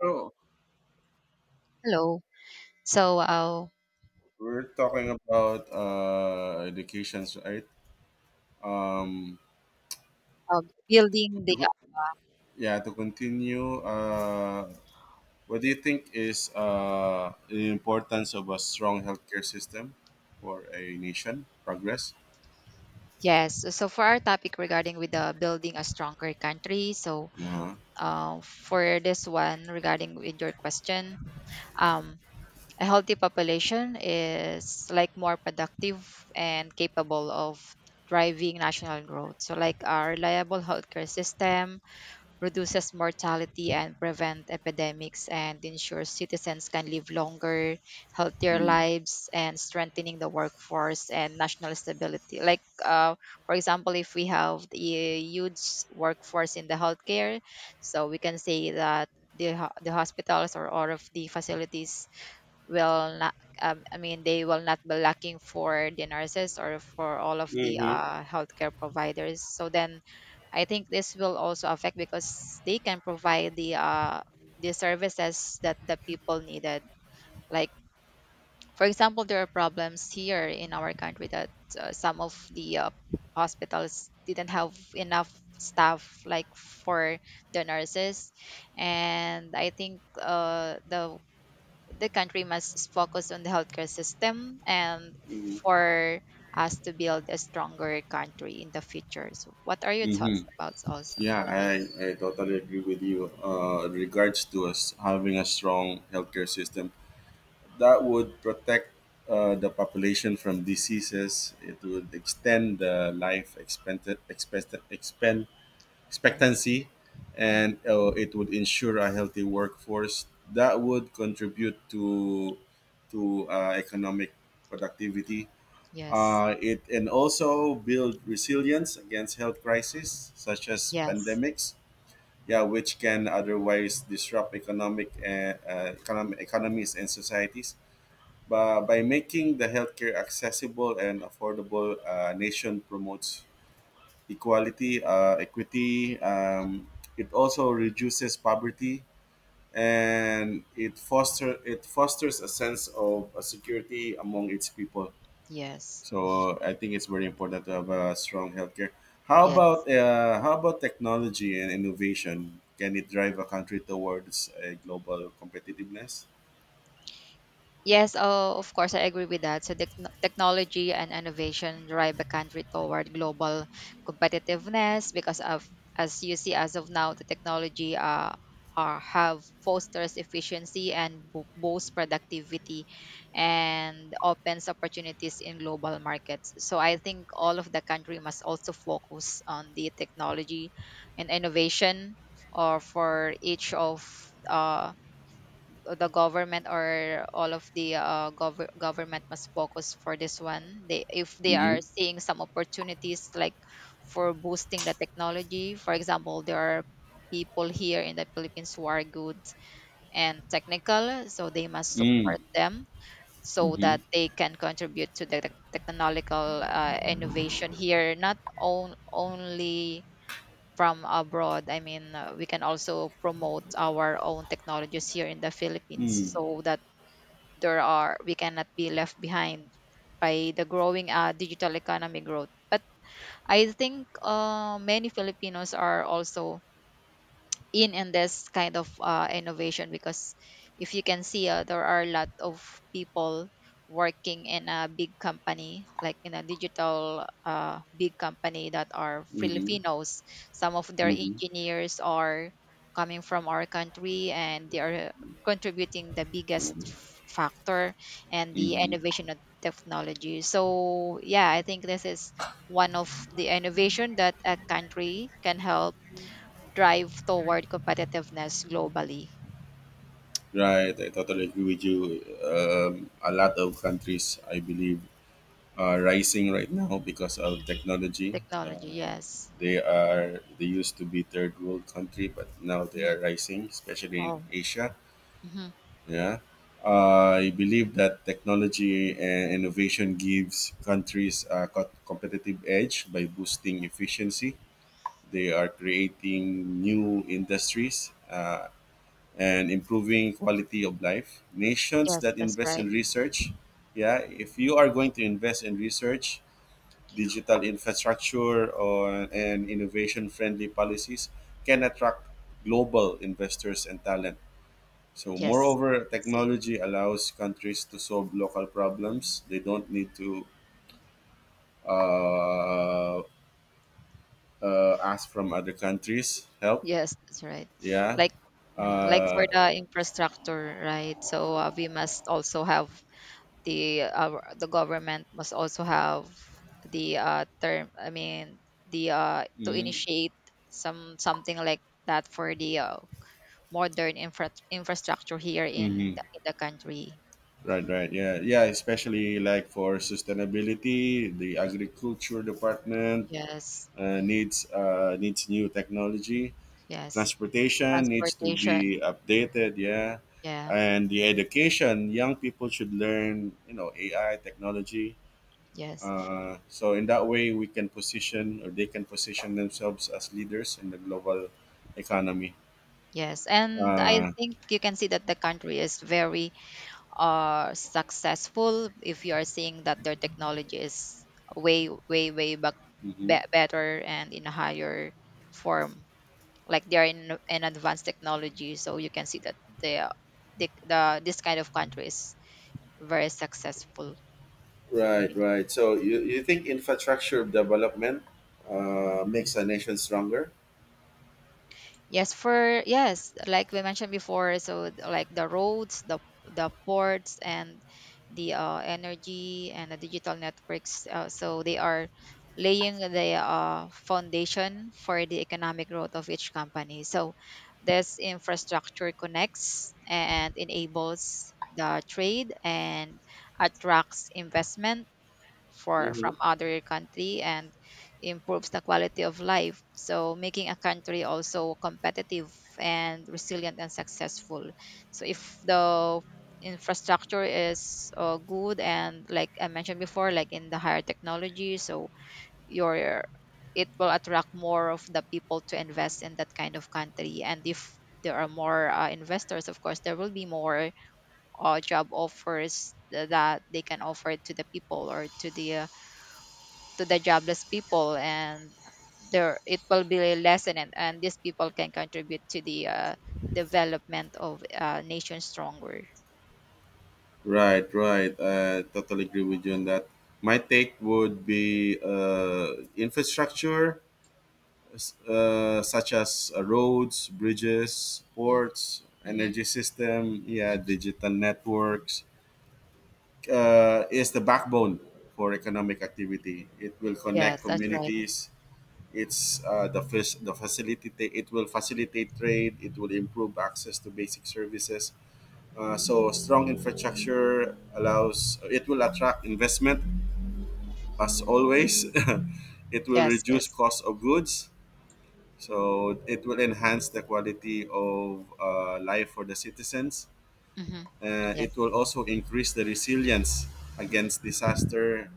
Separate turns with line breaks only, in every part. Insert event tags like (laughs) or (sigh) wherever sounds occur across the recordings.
So
Hello. So, uh,
we're talking about educations, right? Um,
uh, building the
to go- yeah, to continue, What do you think is the importance of a strong healthcare system for a nation progress?
yes. So for our topic regarding with the building a stronger country.
Uh-huh.
For this one regarding with your question, um, a healthy population is like more productive and capable of driving national growth. So, like a reliable healthcare system, reduces mortality and prevent epidemics and ensures citizens can live longer, healthier lives and strengthening the workforce and national stability. Like for example, if we have the huge workforce in the healthcare, so we can say that the hospitals or all of the facilities will not I mean they will not be lacking for the nurses or for all of the
Mm-hmm.
healthcare providers so then I think this will also affect because they can provide the services that the people needed like for example there are problems here in our country that some of the hospitals didn't have enough staff like for the nurses and I think the country must focus on the healthcare system and
Hmm.
for us to build a stronger country in the future. So what are your thoughts
Mm-hmm.
about also
Yeah,
for this?
I, I totally agree with you. In regards to us having a strong healthcare system, that would protect the population from diseases. It would extend the life expecta- expect- expend-
Yes.
expectancy,
Mm.
and it would ensure a healthy workforce. That would contribute to economic productivity.
Yes.
It And also build resilience against health crises such as
Yes.
pandemics. Yeah, which can otherwise disrupt economic economies and societies by making the healthcare accessible and affordable. Uh, nation promotes equity. It also reduces poverty and it fosters a sense of security among its people.
Yes.
So I think it's very important to have a strong healthcare. How
Yes.
about technology and innovation? Can it drive a country towards a global competitiveness?
Yes, oh, of course, I agree with that. So, technology and innovation drive a country toward global competitiveness because of, as you see, as of now, the technology have fosters efficiency and boosts productivity and opens opportunities in global markets. So, I think all of the country must also focus on the technology and innovation or for each of uh, the government or all of the government must focus for this one they if they
Mm-hmm.
are seeing some opportunities like for boosting the technology for example there are people here in the Philippines who are good and technical so they must support
Mm-hmm.
them so
Mm-hmm.
that they can contribute to the technological innovation here not on, only from abroad I mean we can also promote our own technologies here in the Philippines so that there are we cannot be left behind by the growing digital economy growth. But I think many Filipinos are also in this kind of innovation because if you can see there are a lot of people working in a big company like in a digital big company that are
Mm-hmm.
Filipinos. Some of their
Mm-hmm.
engineers are coming from our country and they are contributing the biggest factor and the
Mm-hmm.
innovation of technology. So yeah, I think this is one of the innovation that a country can help drive toward competitiveness globally.
Right, I totally agree with you. A lot of countries, I believe, are rising right now because of technology.
Technology,
Uh,
yes.
they used to be third world country, but now they
Mhm.
are rising, especially in
Oh.
Asia.
Hmm.
Yeah. I believe that technology and innovation gives countries a competitive edge by boosting efficiency. They are creating new industries. And improving quality of life. Nations
Yes,
that
that's
invest
right.
in research, yeah, if you are going to invest in research, digital infrastructure, and innovation friendly policies, can attract global investors and talent. So,
Yes,
moreover,
I see.
technology allows countries to solve local problems. They don't need to uh, ask from other countries help.
Yes, that's right.
Yeah.
Like, mhm, like for
uh,
the infrastructure, right? So we must also have the government must also have the term. I mean, the to initiate something like that for the modern infrastructure here in in the country.
Right, right. Yeah, yeah. Especially like for sustainability, the agriculture department
Yes,
uh, needs needs new technology.
yes.
Transportation needs to
Transportation.
be updated. Yeah,
Yeah.
and the education, young people should learn, AI technology.
Yes.
So in that way, we can position or they can position themselves as leaders in the global economy.
Yes. And I
Uh,
think you can see that the country is very successful if you are seeing that their technology is way back
mhm.
better and in a higher form. Like they are in an advanced technology, so you can see that the the this kind of country is very successful.
Right, right. So you think infrastructure development makes a nation stronger?
Yes, for yes, like we mentioned before, like the roads, the ports, and the energy and the digital networks. So they are laying the foundation for the economic growth of each company. So this infrastructure connects and enables the trade and attracts investment for from
Hmm.
other country and improves the quality of life, so making a country also competitive and resilient and successful. So if the infrastructure is good and like I mentioned before like in the higher technology, so your it will attract more of the people to invest in that kind of country. And if there are more investors of course there will be more job offers that they can offer to the people or to the jobless people, and there it will be lessened. And these people can contribute to the development of nation stronger.
Right, right. I totally agree with you on that. My take would be infrastructure such as roads, bridges, ports,
Mm-hmm.
energy system, yeah,
Hmm.
digital networks, is the backbone for economic activity. It will
Yes,
connect
that's right.
communities. It's the first the facilitate It will facilitate trade. It will improve access to basic services.
Hmm.
So strong infrastructure allows it will attract investment as always. (laughs) It will
Yes,
reduce
yes.
cost of goods. So it will enhance the quality of life for the citizens.
Hmm.
It
Yes,
will also increase the resilience against disaster.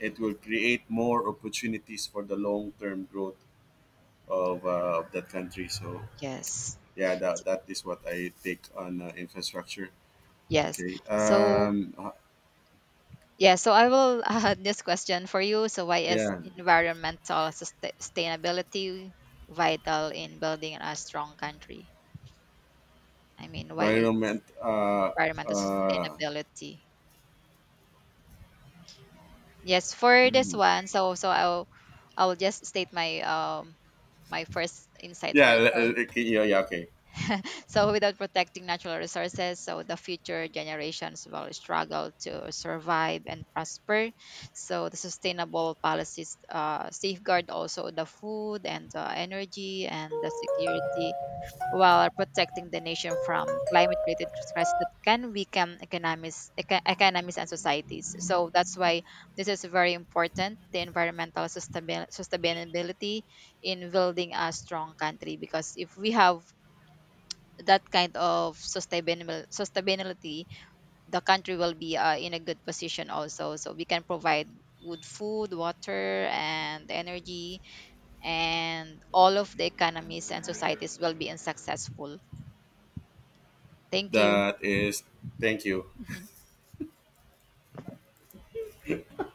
It will create more opportunities for the long term growth of that country. So
yes.
yeah, that is what I take on infrastructure.
Yes.
Okay.
So yeah, so I will (laughs) this question for you. So why is
Yeah,
environmental sustainability vital in building a strong country? I mean, why is
Environment.
environmental
Uh,
sustainability? Yes, for this one, so i'll just state my my first insight
yeah,
first. So
okay, yeah, okay.
(laughs) so without protecting natural resources, so the future generations will struggle to survive and prosper. So the sustainable policies safeguard also the food and energy and the security, while protecting the nation from climate-related threats that can weaken economies and societies. So that's why this is very important, the environmental sustainability in building a strong country. Because if we have that kind of sustainable sustainability, the country will be in a good position also. So we can provide good food, water, and energy, and all of the economies and societies will be in successful. Thank you.
That is, thank you.
Mhm.